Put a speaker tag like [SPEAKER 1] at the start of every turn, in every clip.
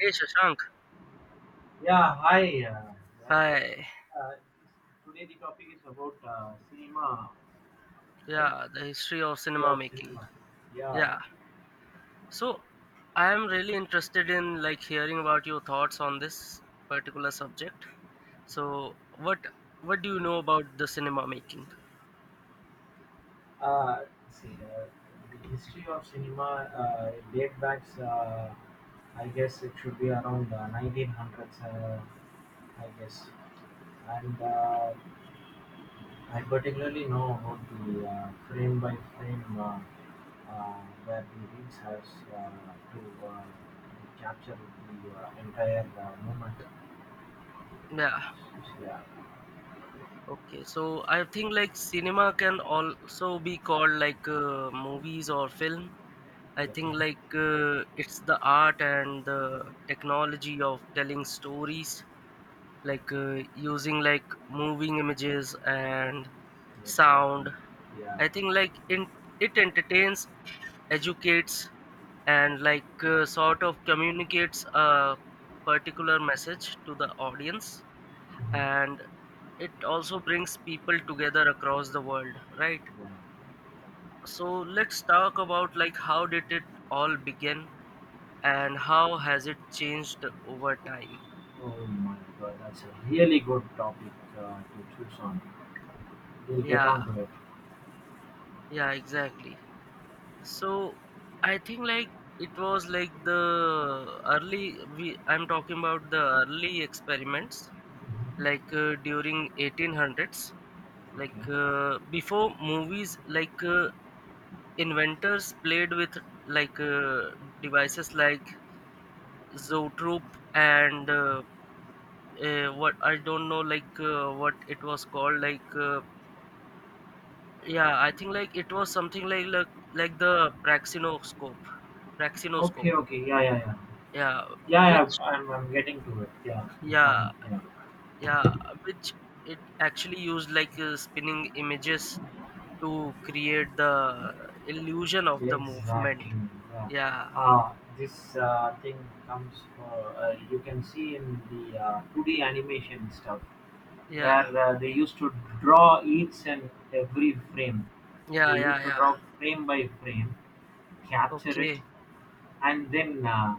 [SPEAKER 1] Hey Shashank,
[SPEAKER 2] Yeah, hi. Yeah,
[SPEAKER 1] hi.
[SPEAKER 2] uh, today the topic is about cinema, right?
[SPEAKER 1] Yeah, the history of
[SPEAKER 2] History
[SPEAKER 1] cinema
[SPEAKER 2] of
[SPEAKER 1] making.
[SPEAKER 2] cinema. Yeah.
[SPEAKER 1] Yeah. So I am really interested in hearing about your thoughts on this particular subject. So what do you know about the cinema making?
[SPEAKER 2] Uh, see, uh, the history of cinema date back, I guess it should be around 1900s. I guess, and I particularly know about the frame by frame where the reels has uh, to capture the entire moment.
[SPEAKER 1] Yeah.
[SPEAKER 2] Yeah.
[SPEAKER 1] Okay. So I think cinema can also be called like movies or film. I
[SPEAKER 2] That
[SPEAKER 1] think
[SPEAKER 2] one?
[SPEAKER 1] like it's the art and the technology of telling stories like using moving images and
[SPEAKER 2] Exactly.
[SPEAKER 1] sound.
[SPEAKER 2] Yeah.
[SPEAKER 1] I think like in, It entertains, educates, and like sort of communicates a particular message to the audience,
[SPEAKER 2] Mhm.
[SPEAKER 1] and it also brings people together across the world, right?
[SPEAKER 2] Yeah.
[SPEAKER 1] So let's talk about how did it all begin and how has it changed over time.
[SPEAKER 2] Oh my God, that's a really good topic to choose on. We'll get
[SPEAKER 1] Yeah,
[SPEAKER 2] on to it.
[SPEAKER 1] yeah, exactly. So I think it was like the early we I'm talking about the early experiments
[SPEAKER 2] Mhm.
[SPEAKER 1] like during 1800s, like
[SPEAKER 2] Okay.
[SPEAKER 1] uh, before movies, inventors played with like devices like zoetrope and what I don't know like what it was called. Yeah, I think it was something like the praxinoscope, praxinoscope.
[SPEAKER 2] Okay, okay. Yeah, yeah, yeah.
[SPEAKER 1] Yeah,
[SPEAKER 2] Yeah,
[SPEAKER 1] which
[SPEAKER 2] yeah. I'm getting to it. Yeah, the point.
[SPEAKER 1] yeah,
[SPEAKER 2] Yeah.
[SPEAKER 1] yeah, which it actually used like spinning images to create the illusion of the movement.
[SPEAKER 2] Exactly. Yeah.
[SPEAKER 1] yeah
[SPEAKER 2] Uh, this thing comes for, you can see in the 2D animation stuff
[SPEAKER 1] yeah
[SPEAKER 2] where they used to draw each and every frame. They
[SPEAKER 1] yeah yeah
[SPEAKER 2] used to
[SPEAKER 1] yeah
[SPEAKER 2] draw frame by frame, capture it,
[SPEAKER 1] okay
[SPEAKER 2] and then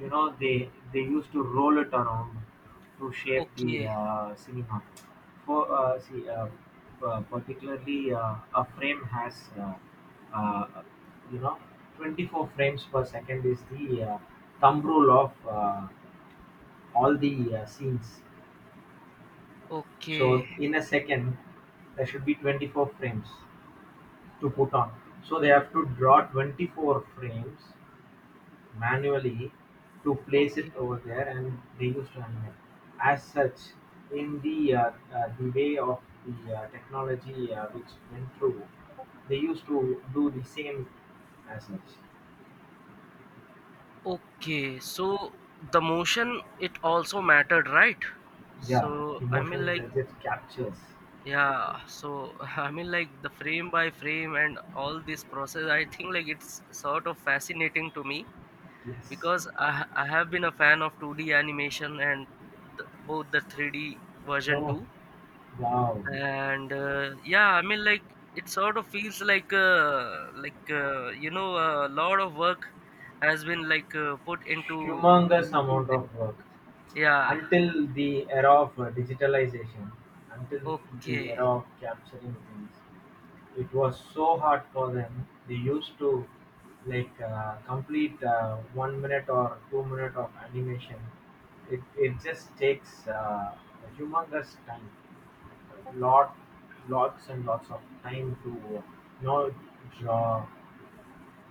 [SPEAKER 2] you know, they used to roll it around to shape the
[SPEAKER 1] okay
[SPEAKER 2] cinema. For uh, see, uh, particularly, a frame has uh, you know, 24 frames per second is the thumb rule of all the scenes. So
[SPEAKER 1] okay
[SPEAKER 2] in a second, there should be 24 frames to put on. So they have to draw 24 frames manually to place it
[SPEAKER 1] okay
[SPEAKER 2] over there, and they used to animate. As such, in the way of the technology which went through, they used to do the same as such.
[SPEAKER 1] okay. So the motion it also mattered, right?
[SPEAKER 2] Yeah,
[SPEAKER 1] So
[SPEAKER 2] emotion that it captures.
[SPEAKER 1] yeah. So I mean, the frame by frame and all this process, I think it's sort of fascinating to me
[SPEAKER 2] Yes.
[SPEAKER 1] because I have been a fan of 2D animation and both the 3D version
[SPEAKER 2] Oh
[SPEAKER 1] too.
[SPEAKER 2] wow,
[SPEAKER 1] And yeah, I mean, it sort of feels like you know, a lot of work has been put into
[SPEAKER 2] humongous
[SPEAKER 1] making
[SPEAKER 2] amount
[SPEAKER 1] them.
[SPEAKER 2] of work.
[SPEAKER 1] Yeah.
[SPEAKER 2] Until the era of digitalization, until the era
[SPEAKER 1] Okay.
[SPEAKER 2] of capturing things, it was so hard for them. They used to complete 1 minute or 2 minute of animation. It just takes a humongous time, lot, lots and lots of time to uh, you know, draw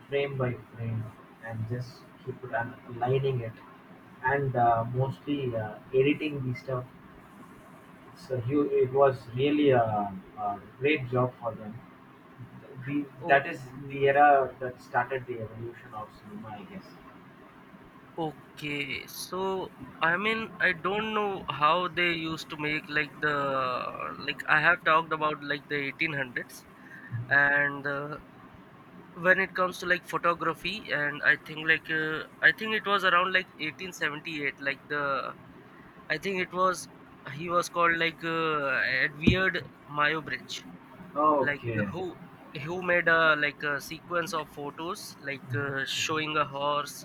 [SPEAKER 2] frame by frame and just keep it and aligning it, and mostly editing the stuff. It was really a great job for them. That is the
[SPEAKER 1] Okay.
[SPEAKER 2] era that started the evolution of cinema, I guess.
[SPEAKER 1] Okay. So I mean, I don't know how they used to make like I have talked about the 1800s. And when it comes to photography, and I think I think it was around like 1878. Like the I think it was He was called Edward Mayo Bridge, like uh,
[SPEAKER 2] Okay.
[SPEAKER 1] who who made a like a sequence of photos, showing a horse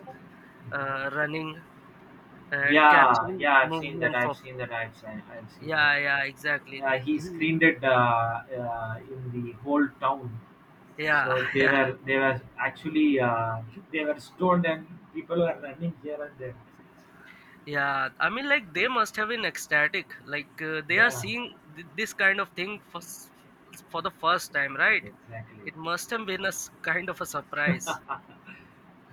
[SPEAKER 1] running and
[SPEAKER 2] Yeah,
[SPEAKER 1] capturing
[SPEAKER 2] yeah, I've seen that.
[SPEAKER 1] movement
[SPEAKER 2] I've
[SPEAKER 1] of.
[SPEAKER 2] seen that. I've seen. I've seen that.
[SPEAKER 1] Yeah, yeah, exactly.
[SPEAKER 2] He
[SPEAKER 1] he,
[SPEAKER 2] screened it in the whole town.
[SPEAKER 1] yeah,
[SPEAKER 2] So they
[SPEAKER 1] yeah.
[SPEAKER 2] were they were actually they were stoned and people were running here and there.
[SPEAKER 1] Yeah, I mean, like they must have been ecstatic. Like they are
[SPEAKER 2] Yeah,
[SPEAKER 1] seeing this kind of thing for the first time, right?
[SPEAKER 2] exactly.
[SPEAKER 1] It must have been kind of a surprise.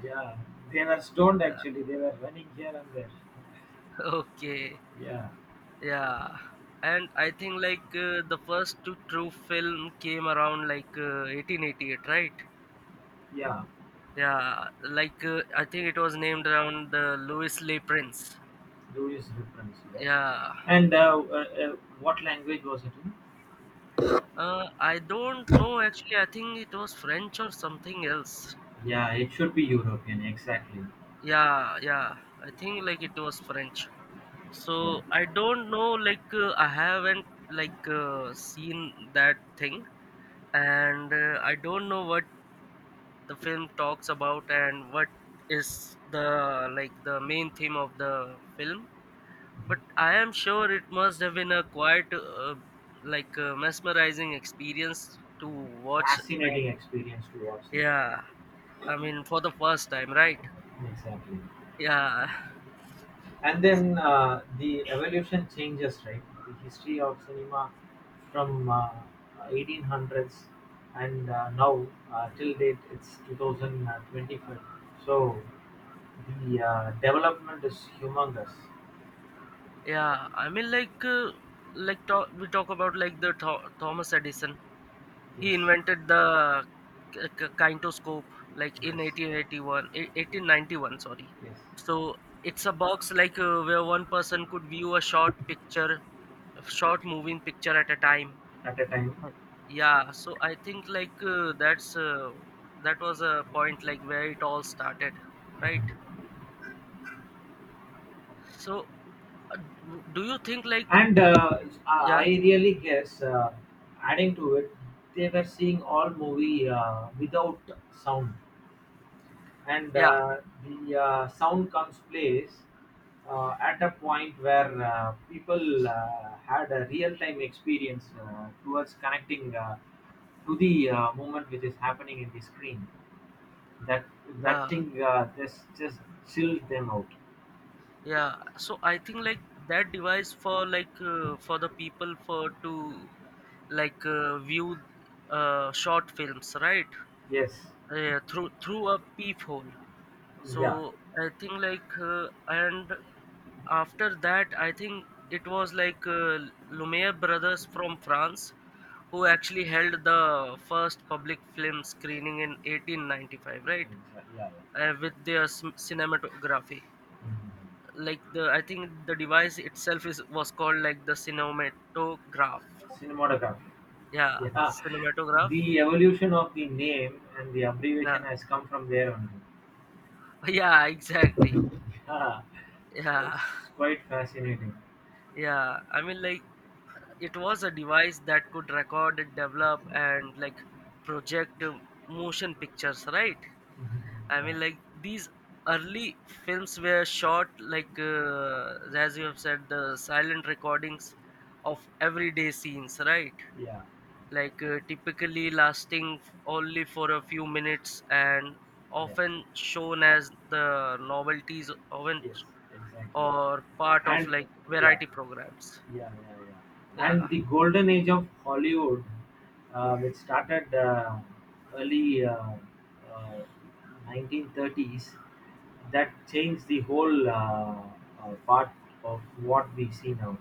[SPEAKER 2] Yeah, they were stoned
[SPEAKER 1] Yeah.
[SPEAKER 2] actually. They were running here and there.
[SPEAKER 1] Okay.
[SPEAKER 2] Yeah,
[SPEAKER 1] Yeah. And I think the first to true film came around like 1888, right?
[SPEAKER 2] yeah.
[SPEAKER 1] Yeah. Like I think it was named around the Louis Le Prince.
[SPEAKER 2] Louis reference there.
[SPEAKER 1] Yeah.
[SPEAKER 2] And what language was it in?
[SPEAKER 1] I don't know actually. I think it was French or something else.
[SPEAKER 2] Yeah, it should be European. Exactly.
[SPEAKER 1] Yeah, yeah. I think it was French.
[SPEAKER 2] Yeah.
[SPEAKER 1] So I don't know. Like I haven't seen that thing, and I don't know what the film talks about and what is the like the main theme of the film. But I am sure it must have been a quite mesmerizing experience to watch that.
[SPEAKER 2] Fascinating experience to watch.
[SPEAKER 1] Yeah, I mean, for the first time, right?
[SPEAKER 2] Exactly.
[SPEAKER 1] Yeah.
[SPEAKER 2] and then the evolution changes, right? The history of cinema from 1800s and now, till date it's 2025, so the development is humongous.
[SPEAKER 1] Yeah, I mean, like, we talk about like the Thomas Edison. He
[SPEAKER 2] Yes,
[SPEAKER 1] invented the kinetoscope, like in
[SPEAKER 2] yes,
[SPEAKER 1] 1891. Sorry.
[SPEAKER 2] yes.
[SPEAKER 1] So it's a box where one person could view a short picture, a short moving picture at a time.
[SPEAKER 2] At a time.
[SPEAKER 1] Uh, Yeah. So I think that was a point like where it all started, right? So uh, do you think
[SPEAKER 2] And I
[SPEAKER 1] yeah,
[SPEAKER 2] really guess, adding to it, they were seeing all movie without sound, and
[SPEAKER 1] yeah,
[SPEAKER 2] the sound comes plays at a point where people had a real-time experience towards connecting to the moment which is happening in the screen. That that
[SPEAKER 1] yeah.
[SPEAKER 2] thing just chilled them out.
[SPEAKER 1] Yeah, so I think that device for the people for to view short films, right?
[SPEAKER 2] Yes,
[SPEAKER 1] Yeah, through a peephole.
[SPEAKER 2] yeah,
[SPEAKER 1] So I think and after that, I think it was like Lumiere Brothers from France, who actually held the first public film screening in 1895, right?
[SPEAKER 2] yeah, yeah.
[SPEAKER 1] With their cinematography, like the I think the device itself is was called the cinematograph.
[SPEAKER 2] Cinematograph.
[SPEAKER 1] Yeah,
[SPEAKER 2] Yeah,
[SPEAKER 1] cinematograph.
[SPEAKER 2] the evolution of the name and the abbreviation
[SPEAKER 1] Yeah.
[SPEAKER 2] has come from there only.
[SPEAKER 1] Yeah, exactly.
[SPEAKER 2] Yeah. So
[SPEAKER 1] Yeah.
[SPEAKER 2] it's quite fascinating.
[SPEAKER 1] Yeah, I mean, it was a device that could record and develop and project motion pictures, right?
[SPEAKER 2] Mhm.
[SPEAKER 1] I
[SPEAKER 2] Yeah,
[SPEAKER 1] mean, these early films were shot as you have said, the silent recordings of everyday scenes, right?
[SPEAKER 2] yeah,
[SPEAKER 1] Typically lasting only for a few minutes and
[SPEAKER 2] yeah.
[SPEAKER 1] often shown as the novelties oven
[SPEAKER 2] Yes, exactly.
[SPEAKER 1] or part of
[SPEAKER 2] And
[SPEAKER 1] like
[SPEAKER 2] yeah,
[SPEAKER 1] variety programs.
[SPEAKER 2] yeah, yeah, yeah. And
[SPEAKER 1] Yeah.
[SPEAKER 2] the golden age of Hollywood, which started early uh, 1930s, that changed the whole part of what we see now.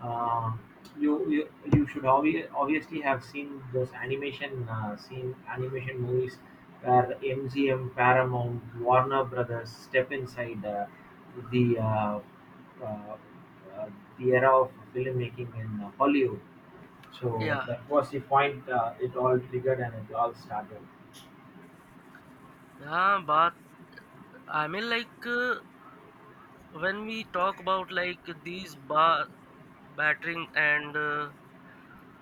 [SPEAKER 2] Uh, you, you you should obviously have seen those animation seen animation movies where MGM, Paramount, Warner Brothers step inside the uh, uh, uh, the era of filmmaking in Hollywood. So
[SPEAKER 1] Yeah,
[SPEAKER 2] that was the point. It all triggered and it all started.
[SPEAKER 1] yeah, but I mean, when we talk about like these bar battering and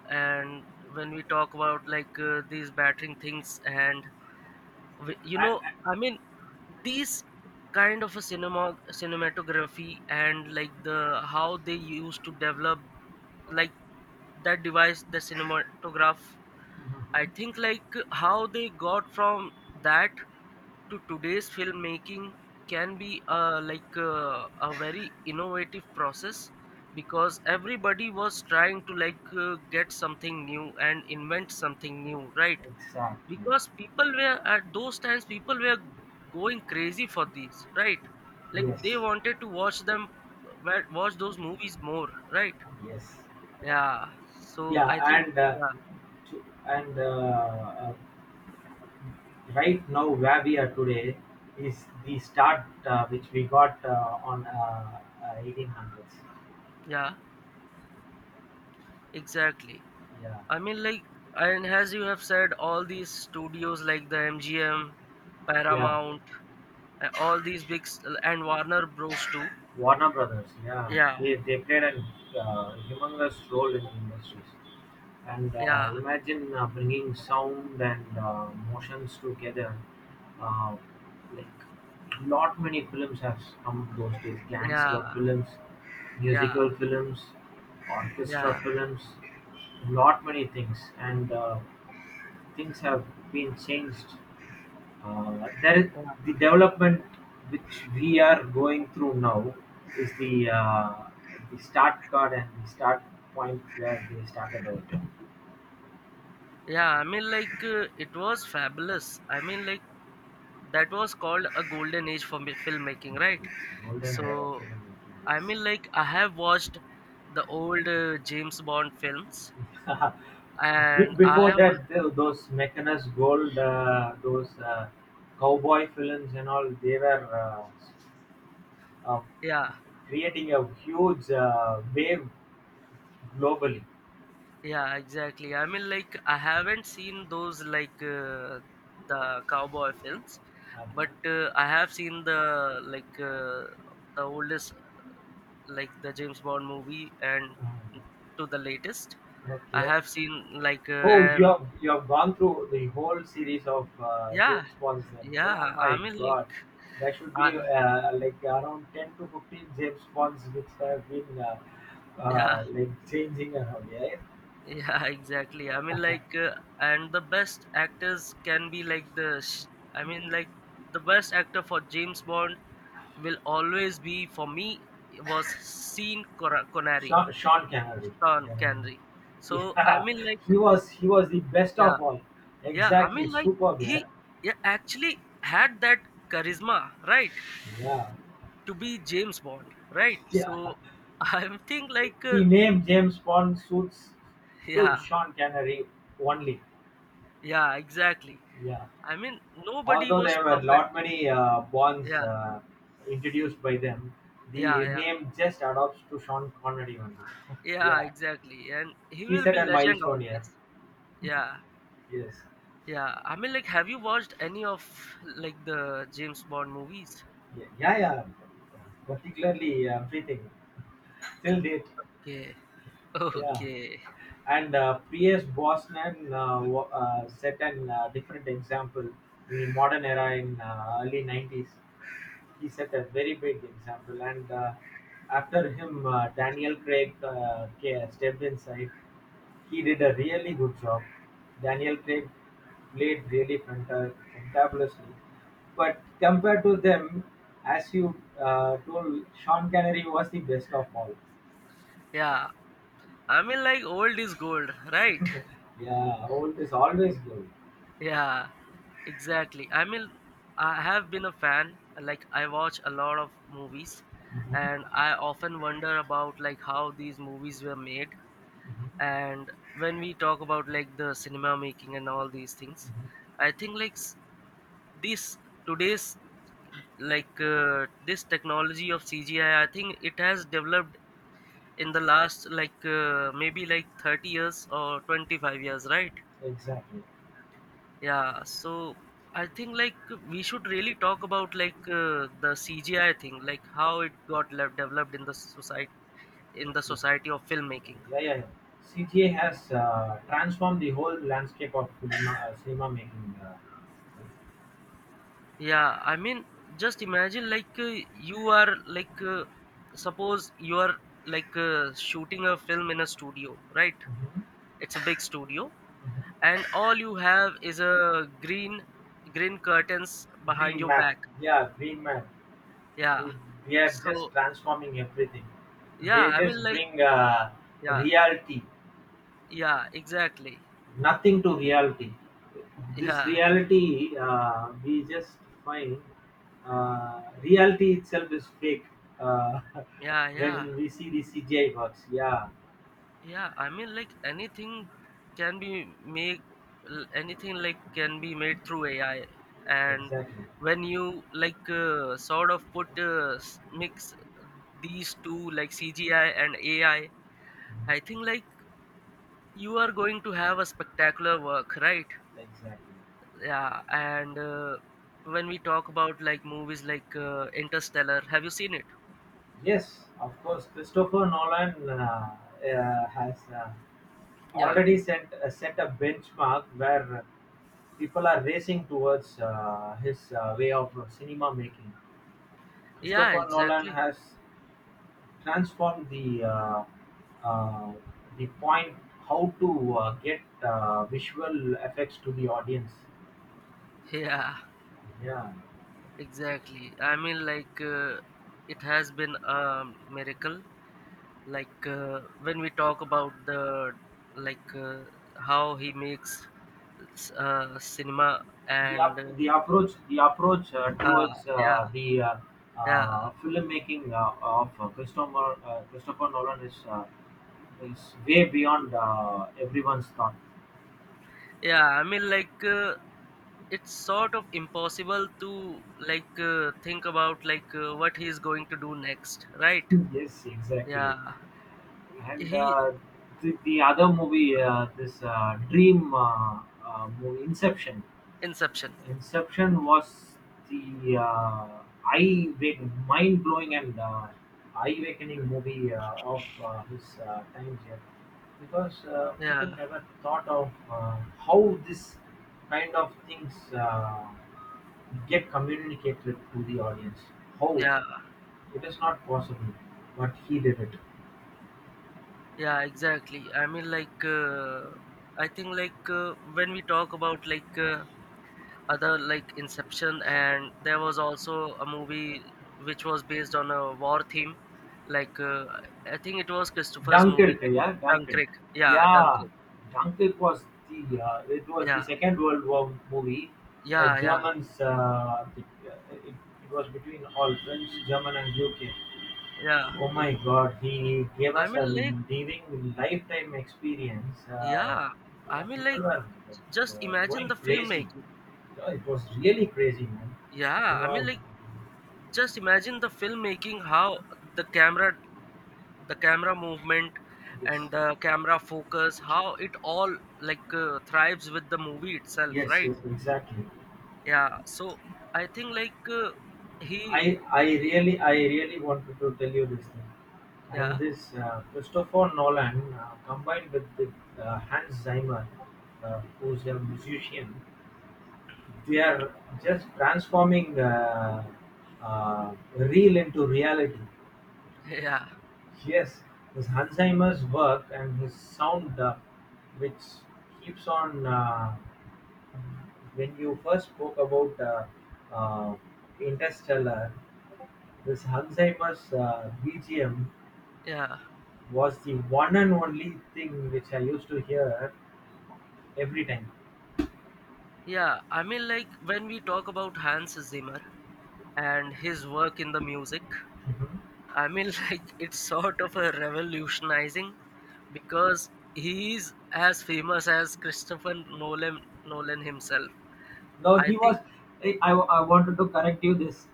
[SPEAKER 1] and when we talk about like these battering things and you
[SPEAKER 2] And,
[SPEAKER 1] know,
[SPEAKER 2] and-
[SPEAKER 1] I mean, these kind of a cinematography, and like the how they used to develop like that device, the cinematograph, I
[SPEAKER 2] Mhm.
[SPEAKER 1] think how they got from that to today's filmmaking can be a very innovative process because everybody was trying to get something new and invent something new, right?
[SPEAKER 2] Exactly.
[SPEAKER 1] Because people were at those times people were going crazy for these, right? Like they
[SPEAKER 2] Yes.
[SPEAKER 1] wanted to watch them, watch those movies more, right?
[SPEAKER 2] Yes.
[SPEAKER 1] Yeah, so
[SPEAKER 2] Yeah,
[SPEAKER 1] I think
[SPEAKER 2] and
[SPEAKER 1] yeah,
[SPEAKER 2] to, and uh, right now where we are today is the start which we got on 1800s.
[SPEAKER 1] yeah, exactly.
[SPEAKER 2] Yeah,
[SPEAKER 1] I mean, and as you have said, all these studios like the MGM,
[SPEAKER 2] yeah.
[SPEAKER 1] Paramount, all these and Warner Bros too.
[SPEAKER 2] Warner Brothers, yeah,
[SPEAKER 1] Yeah,
[SPEAKER 2] they played a humongous role in the industries. And
[SPEAKER 1] yeah,
[SPEAKER 2] imagine bringing sound and motions together. Uh, like, not many films have come those days.
[SPEAKER 1] yeah,
[SPEAKER 2] Gangster films,
[SPEAKER 1] yeah,
[SPEAKER 2] musical films, orchestra
[SPEAKER 1] yeah,
[SPEAKER 2] films, not many things. And things have been changed, there is
[SPEAKER 1] yeah.
[SPEAKER 2] the development which we are going through now is the start card and the start point where they started out.
[SPEAKER 1] Yeah, I mean, like, it was fabulous. I mean, like, that was called a golden age for filmmaking, right?
[SPEAKER 2] It's golden era of
[SPEAKER 1] So,
[SPEAKER 2] film making.
[SPEAKER 1] I mean, like, I have watched the old James Bond films, and I
[SPEAKER 2] Before
[SPEAKER 1] am,
[SPEAKER 2] that, those Mechanus Gold, those cowboy films and all, they were uh,
[SPEAKER 1] yeah,
[SPEAKER 2] creating a huge wave globally.
[SPEAKER 1] yeah, exactly. I mean, like, I haven't seen those, like, the cowboy films,
[SPEAKER 2] Uh-huh.
[SPEAKER 1] but I have seen the, like, the oldest like the James Bond movie and
[SPEAKER 2] Uh,
[SPEAKER 1] to the latest. I
[SPEAKER 2] okay.
[SPEAKER 1] have seen like
[SPEAKER 2] Oh,
[SPEAKER 1] and
[SPEAKER 2] you have gone through the whole series of
[SPEAKER 1] yeah,
[SPEAKER 2] James Bonds then. Oh
[SPEAKER 1] yeah. I
[SPEAKER 2] my
[SPEAKER 1] mean,
[SPEAKER 2] God,
[SPEAKER 1] like
[SPEAKER 2] there should be
[SPEAKER 1] uh,
[SPEAKER 2] like around 10 to 15 James Bonds which have been
[SPEAKER 1] yeah,
[SPEAKER 2] like changing around. Yeah,
[SPEAKER 1] yeah, exactly. I mean, like and the best actors can be like the I mean, like the best actor for James Bond will always be, for me, was Connery,
[SPEAKER 2] Sean Connery.
[SPEAKER 1] Sean
[SPEAKER 2] Yeah,
[SPEAKER 1] Connery. So I
[SPEAKER 2] yeah,
[SPEAKER 1] mean, like
[SPEAKER 2] he was the best
[SPEAKER 1] yeah.
[SPEAKER 2] of all.
[SPEAKER 1] Yeah, I
[SPEAKER 2] Exactly,
[SPEAKER 1] mean, like
[SPEAKER 2] superb. Yeah,
[SPEAKER 1] he yeah, actually had that charisma, right,
[SPEAKER 2] yeah,
[SPEAKER 1] to be James Bond, right?
[SPEAKER 2] yeah.
[SPEAKER 1] So I'm think like,
[SPEAKER 2] The name James Bond suits to
[SPEAKER 1] yeah,
[SPEAKER 2] Sean Connery only.
[SPEAKER 1] yeah, exactly.
[SPEAKER 2] Yeah.
[SPEAKER 1] I mean, nobody
[SPEAKER 2] Although
[SPEAKER 1] was
[SPEAKER 2] there were
[SPEAKER 1] perfect.
[SPEAKER 2] lot many bonds
[SPEAKER 1] Yeah,
[SPEAKER 2] introduced by them,
[SPEAKER 1] yeah,
[SPEAKER 2] the
[SPEAKER 1] yeah,
[SPEAKER 2] name just adopts to Sean Connery only.
[SPEAKER 1] yeah,
[SPEAKER 2] Yeah,
[SPEAKER 1] exactly. And he
[SPEAKER 2] he
[SPEAKER 1] will
[SPEAKER 2] set
[SPEAKER 1] be
[SPEAKER 2] a
[SPEAKER 1] legend
[SPEAKER 2] milestone here.
[SPEAKER 1] always. Yeah,
[SPEAKER 2] Yes.
[SPEAKER 1] yeah. I mean, like, have you watched any of like the James Bond movies?
[SPEAKER 2] Yeah, yeah. Yeah. Particularly everything till date.
[SPEAKER 1] Okay,
[SPEAKER 2] Yeah.
[SPEAKER 1] okay.
[SPEAKER 2] And P.S. Bosnan set an different example in the modern era in early 90s. He set a very big example, and after him, Daniel Craig stepped inside. He did a really good job. Daniel Craig played really fantabulously, but compared to them, as you told, Sean Connery was the best of all.
[SPEAKER 1] Yeah, I mean, like, old is gold, right?
[SPEAKER 2] Yeah, old is always good.
[SPEAKER 1] Yeah, exactly. I mean, I have been a fan. Like, I watch a lot of movies,
[SPEAKER 2] Mhm.
[SPEAKER 1] and I often wonder about like how these movies were made.
[SPEAKER 2] Mhm.
[SPEAKER 1] And when we talk about like the cinema making and all these things, I think like s- this today's this technology of CGI, I think it has developed in the last maybe like 30 years or 25 years, right?
[SPEAKER 2] Exactly.
[SPEAKER 1] Yeah, so I think we should really talk about the CGI thing, like how it got developed in the society, in the
[SPEAKER 2] Yes.
[SPEAKER 1] society of filmmaking.
[SPEAKER 2] Yeah, yeah, yeah. CGI has transformed the whole landscape of cinema making.
[SPEAKER 1] Yeah, I mean, just imagine you are suppose you are shooting a film in a studio, right?
[SPEAKER 2] Mm-hmm.
[SPEAKER 1] It's a big studio, and all you have is a green curtains behind
[SPEAKER 2] Green
[SPEAKER 1] your
[SPEAKER 2] Mac,
[SPEAKER 1] back.
[SPEAKER 2] yeah, Green Mac.
[SPEAKER 1] Yeah.
[SPEAKER 2] See, they are
[SPEAKER 1] So
[SPEAKER 2] just transforming everything.
[SPEAKER 1] yeah,
[SPEAKER 2] They
[SPEAKER 1] I
[SPEAKER 2] just
[SPEAKER 1] mean, like
[SPEAKER 2] bring
[SPEAKER 1] yeah,
[SPEAKER 2] reality,
[SPEAKER 1] yeah, exactly.
[SPEAKER 2] nothing to reality. This
[SPEAKER 1] Yeah,
[SPEAKER 2] reality, we just find reality itself is fake uh,
[SPEAKER 1] yeah, yeah,
[SPEAKER 2] when we see the CGI works. Yeah,
[SPEAKER 1] yeah. I mean, like anything can be anything like can be made through AI, and
[SPEAKER 2] exactly.
[SPEAKER 1] when you sort of mix these two, like CGI and AI, I think you are going to have a spectacular work, right?
[SPEAKER 2] Exactly.
[SPEAKER 1] Yeah, and when we talk about like movies like Interstellar, have you seen it?
[SPEAKER 2] Yes, of course, Christopher Nolan has.
[SPEAKER 1] Yeah,
[SPEAKER 2] Already set set a benchmark where people are racing towards his way of cinema making.
[SPEAKER 1] yeah,
[SPEAKER 2] Christopher Nolan
[SPEAKER 1] exactly.
[SPEAKER 2] has transformed uh, the point how to get visual effects to the audience.
[SPEAKER 1] Yeah,
[SPEAKER 2] Yeah,
[SPEAKER 1] exactly. I mean, like, it has been a miracle. Like, when we talk about the, like, how he makes cinema and,
[SPEAKER 2] the approach
[SPEAKER 1] ha,
[SPEAKER 2] towards
[SPEAKER 1] yeah,
[SPEAKER 2] the
[SPEAKER 1] yeah,
[SPEAKER 2] filmmaking of Christopher Nolan is way beyond everyone's thought.
[SPEAKER 1] yeah. I mean, like, it's sort of impossible to, like, think about, like, what he's going to do next, right?
[SPEAKER 2] Yes, exactly.
[SPEAKER 1] Yeah.
[SPEAKER 2] And
[SPEAKER 1] He,
[SPEAKER 2] the other movie, this Dream movie, Inception.
[SPEAKER 1] Inception.
[SPEAKER 2] Inception was the eye wake, mind blowing and eye awakening movie of his time here, because people
[SPEAKER 1] Yeah,
[SPEAKER 2] never thought of how this kind of things get communicated to the audience. How
[SPEAKER 1] yeah.
[SPEAKER 2] it is not possible, but he did it.
[SPEAKER 1] Yeah, exactly. I think when we talk about other like Inception, and there was also a movie which was based on a war theme like uh, I think it was Christopher's movie
[SPEAKER 2] Dunkirk,
[SPEAKER 1] like
[SPEAKER 2] yeah, Dunkirk.
[SPEAKER 1] Dunkirk. Yeah,
[SPEAKER 2] Yeah,
[SPEAKER 1] Dunkirk.
[SPEAKER 2] Dunkirk was the it was the
[SPEAKER 1] Yeah,
[SPEAKER 2] Second World War movie. The
[SPEAKER 1] yeah, yeah.
[SPEAKER 2] Germans, uh, it, it was between all French, German, and UK.
[SPEAKER 1] yeah
[SPEAKER 2] Oh my God, he gave
[SPEAKER 1] i
[SPEAKER 2] us a
[SPEAKER 1] mean like
[SPEAKER 2] living lifetime experience.
[SPEAKER 1] yeah i
[SPEAKER 2] Yeah,
[SPEAKER 1] mean like
[SPEAKER 2] people were
[SPEAKER 1] just imagine
[SPEAKER 2] going
[SPEAKER 1] the
[SPEAKER 2] crazy.
[SPEAKER 1] filmmaking.
[SPEAKER 2] Yeah, it was really crazy, man. You
[SPEAKER 1] yeah i mean
[SPEAKER 2] know,
[SPEAKER 1] like just imagine the filmmaking, how the camera, the camera movement
[SPEAKER 2] yes,
[SPEAKER 1] and the camera focus, how it all thrives with the movie itself,
[SPEAKER 2] yes,
[SPEAKER 1] right?
[SPEAKER 2] yes, exactly.
[SPEAKER 1] Yeah. So I think
[SPEAKER 2] I
[SPEAKER 1] he.
[SPEAKER 2] I really I really wanted to tell you this thing, and
[SPEAKER 1] Yeah.
[SPEAKER 2] this Christopher Nolan combined with the, Hans Zimmer, who's a musician, they are just transforming real into reality.
[SPEAKER 1] yeah,
[SPEAKER 2] Yes, his Hans Zimmer's work and his sound, which keeps on. When you first spoke about Interstellar, this Alzheimer's BGM
[SPEAKER 1] yeah,
[SPEAKER 2] was the one and only thing which I used to hear every time.
[SPEAKER 1] yeah. I mean, like, when we talk about Hans Zimmer and his work in the music, I mean, like it's sort of a revolutionizing, because he is as famous as Christopher Nolan himself,
[SPEAKER 2] No,
[SPEAKER 1] I
[SPEAKER 2] he
[SPEAKER 1] think.
[SPEAKER 2] was. I wanted to correct you this.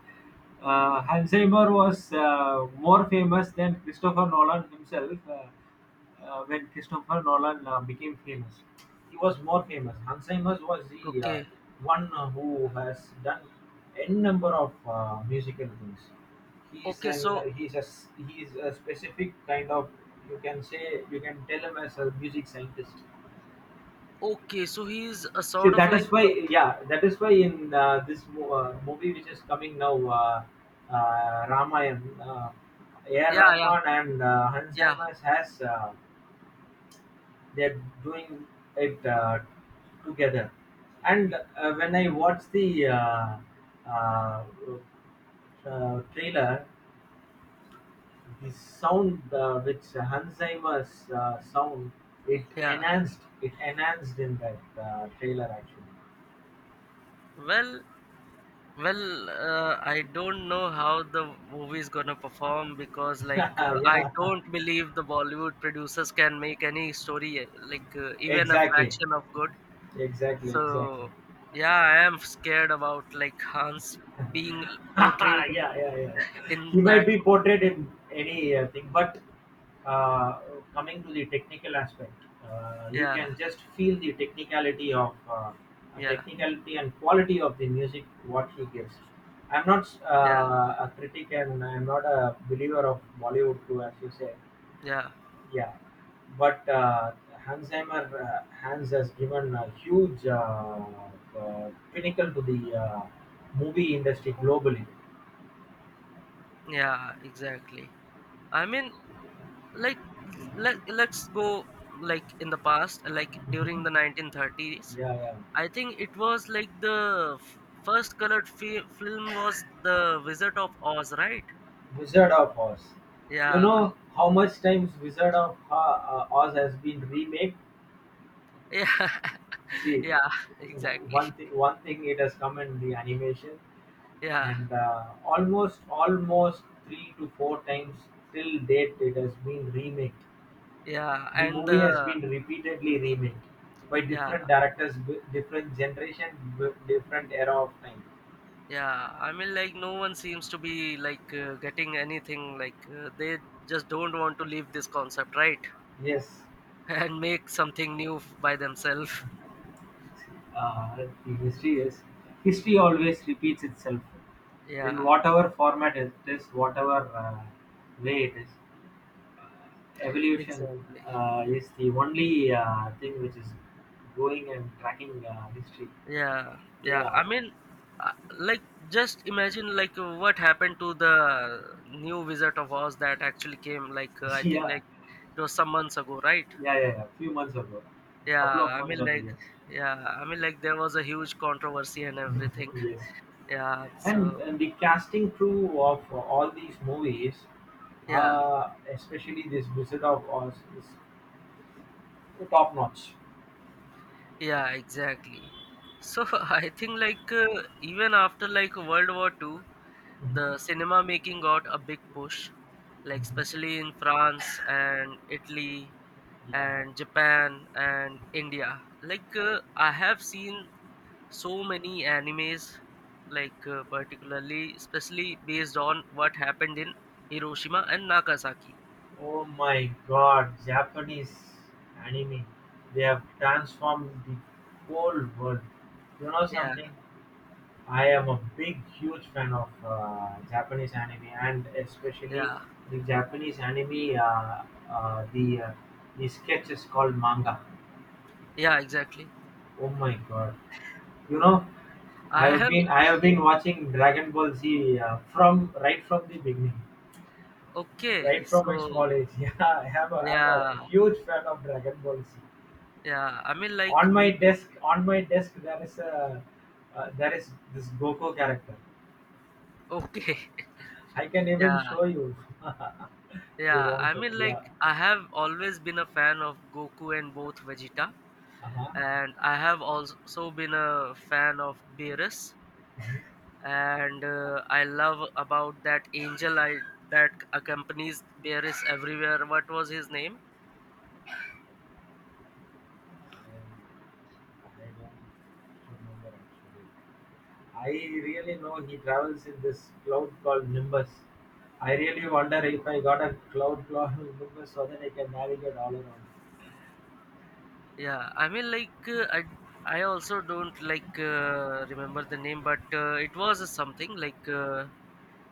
[SPEAKER 2] Hans Zimmer was more famous than Christopher Nolan himself when Christopher Nolan became famous. He was more famous. Hans Zimmer was the
[SPEAKER 1] Okay.
[SPEAKER 2] one who has done n number of musical things. He's
[SPEAKER 1] Okay,
[SPEAKER 2] an
[SPEAKER 1] so
[SPEAKER 2] he's he's a specific kind of, you can say, you can tell him as a music scientist.
[SPEAKER 1] okay, so he's a
[SPEAKER 2] See,
[SPEAKER 1] sort of
[SPEAKER 2] that
[SPEAKER 1] like
[SPEAKER 2] is why,
[SPEAKER 1] a,
[SPEAKER 2] yeah, that is why in this movie which is coming now, Ramayan, A.R.
[SPEAKER 1] yeah, yeah,
[SPEAKER 2] Rahman and Hans
[SPEAKER 1] yeah,
[SPEAKER 2] Zimmer has they're doing it together. And when I watched the uh, trailer, the sound which Hans Zimmer's sound, it
[SPEAKER 1] yeah.
[SPEAKER 2] enhanced it enhanced in that trailer actually.
[SPEAKER 1] Well, well, I don't know how the movie is gonna perform, because I
[SPEAKER 2] Yeah.
[SPEAKER 1] don't believe the Bollywood producers can make any story even a
[SPEAKER 2] Exactly,
[SPEAKER 1] fraction of good.
[SPEAKER 2] exactly, exactly.
[SPEAKER 1] So yeah, I am scared about like Hans being portrayed
[SPEAKER 2] Yeah, yeah, yeah. Yeah.
[SPEAKER 1] in
[SPEAKER 2] He might
[SPEAKER 1] that
[SPEAKER 2] be
[SPEAKER 1] movie.
[SPEAKER 2] portrayed in any thing, but uh, coming to the technical aspect, you
[SPEAKER 1] Yeah,
[SPEAKER 2] can just feel the technicality of
[SPEAKER 1] yeah,
[SPEAKER 2] technicality and quality of the music what he gives. I'm not
[SPEAKER 1] yeah,
[SPEAKER 2] a critic and I'm not a believer of Bollywood too, as you say.
[SPEAKER 1] yeah,
[SPEAKER 2] Yeah, but Hansheimer Hans has given a huge pinnacle to the movie industry globally.
[SPEAKER 1] yeah, exactly. I mean, like, let, let's go like in the past, like during
[SPEAKER 2] Mhm.
[SPEAKER 1] the 1930s.
[SPEAKER 2] Yeah, yeah.
[SPEAKER 1] I think it was like first film was The Wizard of Oz, right?
[SPEAKER 2] Wizard of Oz. You
[SPEAKER 1] Yeah.
[SPEAKER 2] know how much times Wizard of Oz has been remade?
[SPEAKER 1] Yeah.
[SPEAKER 2] See,
[SPEAKER 1] yeah, exactly.
[SPEAKER 2] one thing it has come in the animation,
[SPEAKER 1] Yeah.
[SPEAKER 2] and almost three to four times till date it has been remade.
[SPEAKER 1] Yeah,
[SPEAKER 2] The
[SPEAKER 1] and
[SPEAKER 2] movie has been repeatedly remade, by
[SPEAKER 1] yeah.
[SPEAKER 2] different directors, different generation, different era of time.
[SPEAKER 1] Yeah, I mean, like no one seems to be getting anything, they just don't want to leave this concept, right?
[SPEAKER 2] Yes,
[SPEAKER 1] and make something new by themselves.
[SPEAKER 2] uh, the history is history always repeats itself in
[SPEAKER 1] Yeah,
[SPEAKER 2] whatever format it is, whatever way it is. uh, Evolution
[SPEAKER 1] exactly.
[SPEAKER 2] is the only thing which is going and tracking history.
[SPEAKER 1] Yeah. yeah
[SPEAKER 2] Yeah,
[SPEAKER 1] i mean uh, like just imagine what happened to the new Wizard of Oz that actually came, like uh, i think
[SPEAKER 2] yeah,
[SPEAKER 1] it was some months ago, right?
[SPEAKER 2] yeah. Few months ago, couple
[SPEAKER 1] Yeah.
[SPEAKER 2] of
[SPEAKER 1] i
[SPEAKER 2] months
[SPEAKER 1] mean
[SPEAKER 2] ago,
[SPEAKER 1] like
[SPEAKER 2] yes,
[SPEAKER 1] yeah, I mean, like there was a huge controversy and everything.
[SPEAKER 2] yes.
[SPEAKER 1] Yeah.
[SPEAKER 2] And
[SPEAKER 1] So
[SPEAKER 2] the casting crew of all these movies,
[SPEAKER 1] yeah.
[SPEAKER 2] especially this Wizard of Oz, is top notch.
[SPEAKER 1] Yeah, exactly. So I think even after like World War Two, the
[SPEAKER 2] hmm
[SPEAKER 1] cinema making got a big push, like
[SPEAKER 2] hmm
[SPEAKER 1] especially in France and Italy
[SPEAKER 2] Yeah.
[SPEAKER 1] and Japan and India. I have seen so many animes, particularly especially based on what happened in Hiroshima and Nagasaki.
[SPEAKER 2] Oh my god, Japanese anime. They have transformed the whole world. You know
[SPEAKER 1] Yeah.
[SPEAKER 2] something? I am a big, huge fan of Japanese anime and especially
[SPEAKER 1] Yeah.
[SPEAKER 2] the Japanese anime, uh, the, uh, the sketch is called manga.
[SPEAKER 1] Yeah, exactly.
[SPEAKER 2] Oh my god. You know,
[SPEAKER 1] I am.
[SPEAKER 2] I have been watching Dragon Ball Z from right from the beginning,
[SPEAKER 1] okay,
[SPEAKER 2] right from my
[SPEAKER 1] so
[SPEAKER 2] small age. Yeah, I'm a
[SPEAKER 1] yeah.
[SPEAKER 2] huge fan of Dragon Ball Z.
[SPEAKER 1] Yeah, I mean, like me too.
[SPEAKER 2] On my desk, there is a there is this Goku character.
[SPEAKER 1] Okay.
[SPEAKER 2] I can even
[SPEAKER 1] yeah.
[SPEAKER 2] show you if you
[SPEAKER 1] Yeah,
[SPEAKER 2] want
[SPEAKER 1] I
[SPEAKER 2] to.
[SPEAKER 1] mean, like,
[SPEAKER 2] Yeah.
[SPEAKER 1] I have always been a fan of Goku and both Vegeta,
[SPEAKER 2] Uh huh.
[SPEAKER 1] and I have also been a fan of Beerus, and I love about that angel I that accompanies Beerus everywhere. What was his name?
[SPEAKER 2] I don't remember actually. I really know he travels in this cloud called Nimbus. I really wonder if I got a cloud called Nimbus so that I can navigate all around.
[SPEAKER 1] Yeah, I mean, like, I also don't remember the name, but it was something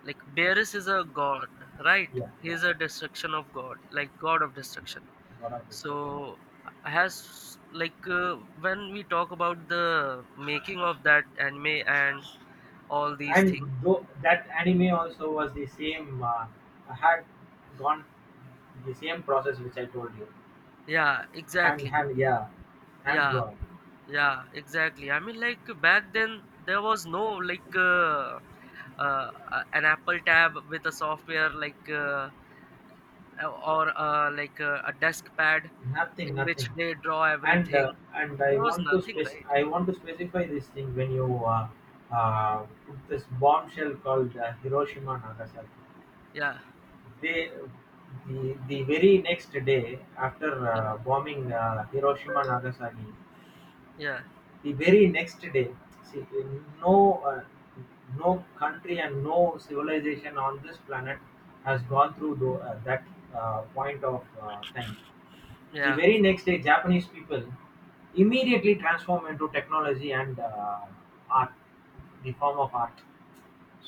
[SPEAKER 1] like Beerus is a god, right?
[SPEAKER 2] Yeah,
[SPEAKER 1] He
[SPEAKER 2] yeah,
[SPEAKER 1] is a
[SPEAKER 2] yeah.
[SPEAKER 1] destruction of God, like God of destruction.
[SPEAKER 2] God of Destruction.
[SPEAKER 1] So has when we talk about the making of that anime and all these
[SPEAKER 2] And
[SPEAKER 1] things.
[SPEAKER 2] though that anime also was the same, had gone the same process which I told you.
[SPEAKER 1] Yeah, exactly.
[SPEAKER 2] Yeah, hand
[SPEAKER 1] Yeah.
[SPEAKER 2] drawing.
[SPEAKER 1] Yeah, exactly. I mean, like back then there was no an Apple tab with a software, a desk pad in
[SPEAKER 2] Nothing.
[SPEAKER 1] which they draw
[SPEAKER 2] And
[SPEAKER 1] everything.
[SPEAKER 2] I
[SPEAKER 1] There was
[SPEAKER 2] want to
[SPEAKER 1] nothing, right?
[SPEAKER 2] I want to specify this thing when you put this bombshell called Hiroshima Nagasaki.
[SPEAKER 1] Yeah.
[SPEAKER 2] They the very next day after
[SPEAKER 1] Yeah,
[SPEAKER 2] bombing Hiroshima Nagasaki,
[SPEAKER 1] yeah,
[SPEAKER 2] the very next day, see, no, uh, no country and no civilization on this planet has gone through that point of time. The
[SPEAKER 1] yeah,
[SPEAKER 2] very next day, Japanese people immediately transform into technology and art, the form of art.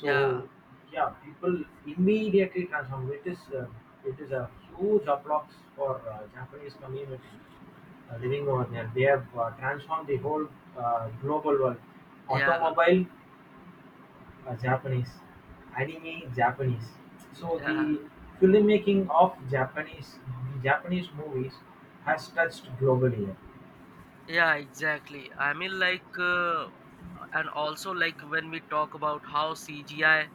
[SPEAKER 1] yeah,
[SPEAKER 2] yeah, people immediately transform. It is a huge applause for Japanese community living over there. They have transformed the whole global world.
[SPEAKER 1] yeah,
[SPEAKER 2] Automobile, Japanese. Anime, Japanese. So
[SPEAKER 1] yeah.
[SPEAKER 2] the filmmaking of Japanese movies has touched globally. Yeah.
[SPEAKER 1] Yeah, exactly. I mean, like, and also like when we talk about how CGI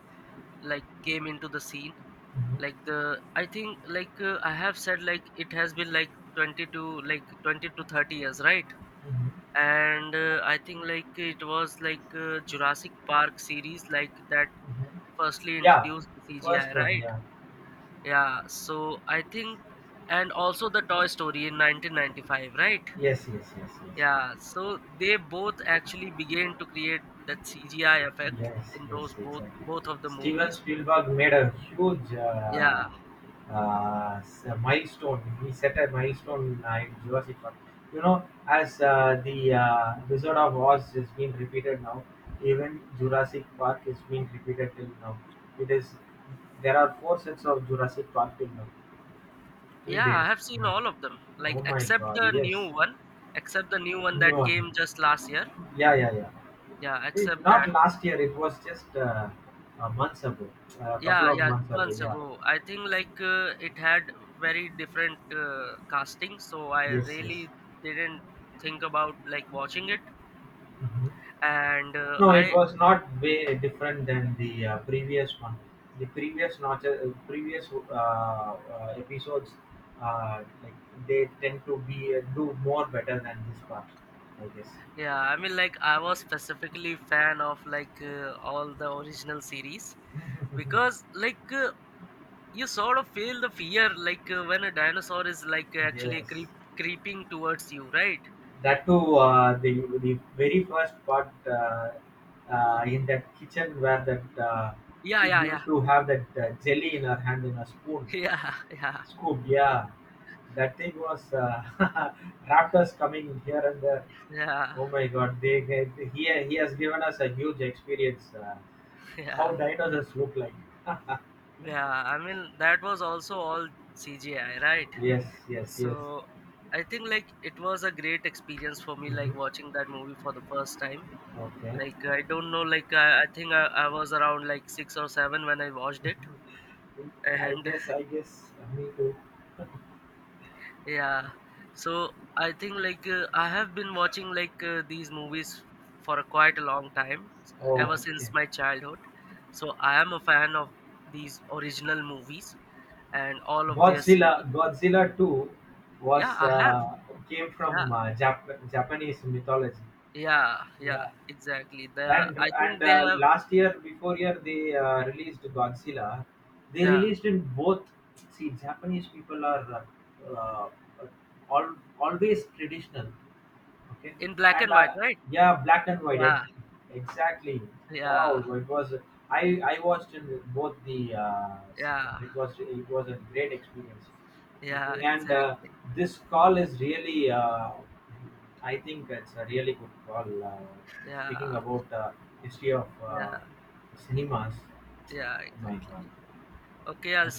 [SPEAKER 1] like came into the scene,
[SPEAKER 2] Mhm,
[SPEAKER 1] like the I think I have said like it has been like 20 to like 20 to 30 years, right?
[SPEAKER 2] mhm,
[SPEAKER 1] And I think like it was Jurassic Park series, like that
[SPEAKER 2] mhm.
[SPEAKER 1] firstly
[SPEAKER 2] Yeah,
[SPEAKER 1] introduced the CGI,
[SPEAKER 2] first one.
[SPEAKER 1] right?
[SPEAKER 2] Yeah.
[SPEAKER 1] Yeah. So I think, and also the Toy Story in 1995, right?
[SPEAKER 2] Yes, yes, yes, yes,
[SPEAKER 1] Yeah,
[SPEAKER 2] yes.
[SPEAKER 1] so they both actually began to create that CGI effect
[SPEAKER 2] Yes,
[SPEAKER 1] in
[SPEAKER 2] yes,
[SPEAKER 1] those
[SPEAKER 2] exactly.
[SPEAKER 1] both of the
[SPEAKER 2] Steven
[SPEAKER 1] movies.
[SPEAKER 2] Spielberg made a huge
[SPEAKER 1] Yeah,
[SPEAKER 2] milestone. He set a milestone in Jurassic Park. You know, as the Wizard of Oz is being repeated now, even Jurassic Park is being repeated till now. It is there are four sets of Jurassic Park till now, till
[SPEAKER 1] yeah,
[SPEAKER 2] date.
[SPEAKER 1] I have seen
[SPEAKER 2] Yeah.
[SPEAKER 1] all of them, like
[SPEAKER 2] Oh my
[SPEAKER 1] except
[SPEAKER 2] God!
[SPEAKER 1] the
[SPEAKER 2] Yes,
[SPEAKER 1] new one, except the new one that
[SPEAKER 2] new one.
[SPEAKER 1] came just last year.
[SPEAKER 2] Yeah, yeah, yeah.
[SPEAKER 1] Yeah,
[SPEAKER 2] It,
[SPEAKER 1] except
[SPEAKER 2] not
[SPEAKER 1] that.
[SPEAKER 2] last year. It was just a months ago, a couple
[SPEAKER 1] Yeah,
[SPEAKER 2] of
[SPEAKER 1] yeah,
[SPEAKER 2] months ago.
[SPEAKER 1] months
[SPEAKER 2] Yeah.
[SPEAKER 1] ago. I think it had very different casting, so I
[SPEAKER 2] Yes. Yes.
[SPEAKER 1] really didn't think about like watching it.
[SPEAKER 2] Mhm.
[SPEAKER 1] And uh,
[SPEAKER 2] No, it
[SPEAKER 1] I
[SPEAKER 2] was not way different than the previous one. The previous notch, previous episodes, like they tend to be do more better than this part. I guess.
[SPEAKER 1] Yeah, I mean, like I was specifically fan of all the original series, because you sort of feel the fear when a dinosaur is like actually
[SPEAKER 2] Yes.
[SPEAKER 1] creeping towards you, right?
[SPEAKER 2] That too, the very first part, in that kitchen where that
[SPEAKER 1] Yeah,
[SPEAKER 2] kid
[SPEAKER 1] yeah, yeah,
[SPEAKER 2] used to have that jelly in her hand in a spoon,
[SPEAKER 1] yeah, yeah,
[SPEAKER 2] scoop. Yeah, that thing was raptors coming here and there.
[SPEAKER 1] yeah,
[SPEAKER 2] Oh my God, they he has given us a huge experience. How
[SPEAKER 1] yeah,
[SPEAKER 2] dinosaurs look like?
[SPEAKER 1] yeah. I mean, that was also all CGI, right?
[SPEAKER 2] Yes, yes, yes.
[SPEAKER 1] So I think like it was a great experience for me like
[SPEAKER 2] Hmm.
[SPEAKER 1] watching that movie for the first time.
[SPEAKER 2] Okay.
[SPEAKER 1] Like I don't know. Like I think I was around like six or seven when I watched it, and
[SPEAKER 2] I guess, me too.
[SPEAKER 1] yeah. So I think I have been watching these movies for a quite a long time,
[SPEAKER 2] Oh,
[SPEAKER 1] ever
[SPEAKER 2] okay.
[SPEAKER 1] since my childhood. So I am a fan of these original movies and all of their series.
[SPEAKER 2] Godzilla 2
[SPEAKER 1] Yeah,
[SPEAKER 2] was
[SPEAKER 1] I have.
[SPEAKER 2] came
[SPEAKER 1] Yeah,
[SPEAKER 2] from Japanese mythology.
[SPEAKER 1] yeah, yeah.
[SPEAKER 2] Yeah,
[SPEAKER 1] Exactly. The I
[SPEAKER 2] and
[SPEAKER 1] think they have.
[SPEAKER 2] last year, before year, they released Godzilla. They
[SPEAKER 1] Yeah,
[SPEAKER 2] released in both. See, Japanese people are uh, uh, always traditional. Okay.
[SPEAKER 1] in black
[SPEAKER 2] And
[SPEAKER 1] and white, right?
[SPEAKER 2] yeah, black and white.
[SPEAKER 1] Yeah,
[SPEAKER 2] Exactly.
[SPEAKER 1] yeah,
[SPEAKER 2] Wow, it was. I watched in both the
[SPEAKER 1] yeah,
[SPEAKER 2] sequence. It was a great experience. I
[SPEAKER 1] yeah.
[SPEAKER 2] think, and
[SPEAKER 1] Exactly.
[SPEAKER 2] this call is really. I think it's a really good call.
[SPEAKER 1] Yeah,
[SPEAKER 2] Speaking about history of
[SPEAKER 1] yeah,
[SPEAKER 2] cinemas.
[SPEAKER 1] yeah,
[SPEAKER 2] Oh My
[SPEAKER 1] exactly.
[SPEAKER 2] God.
[SPEAKER 1] Okay, I'll see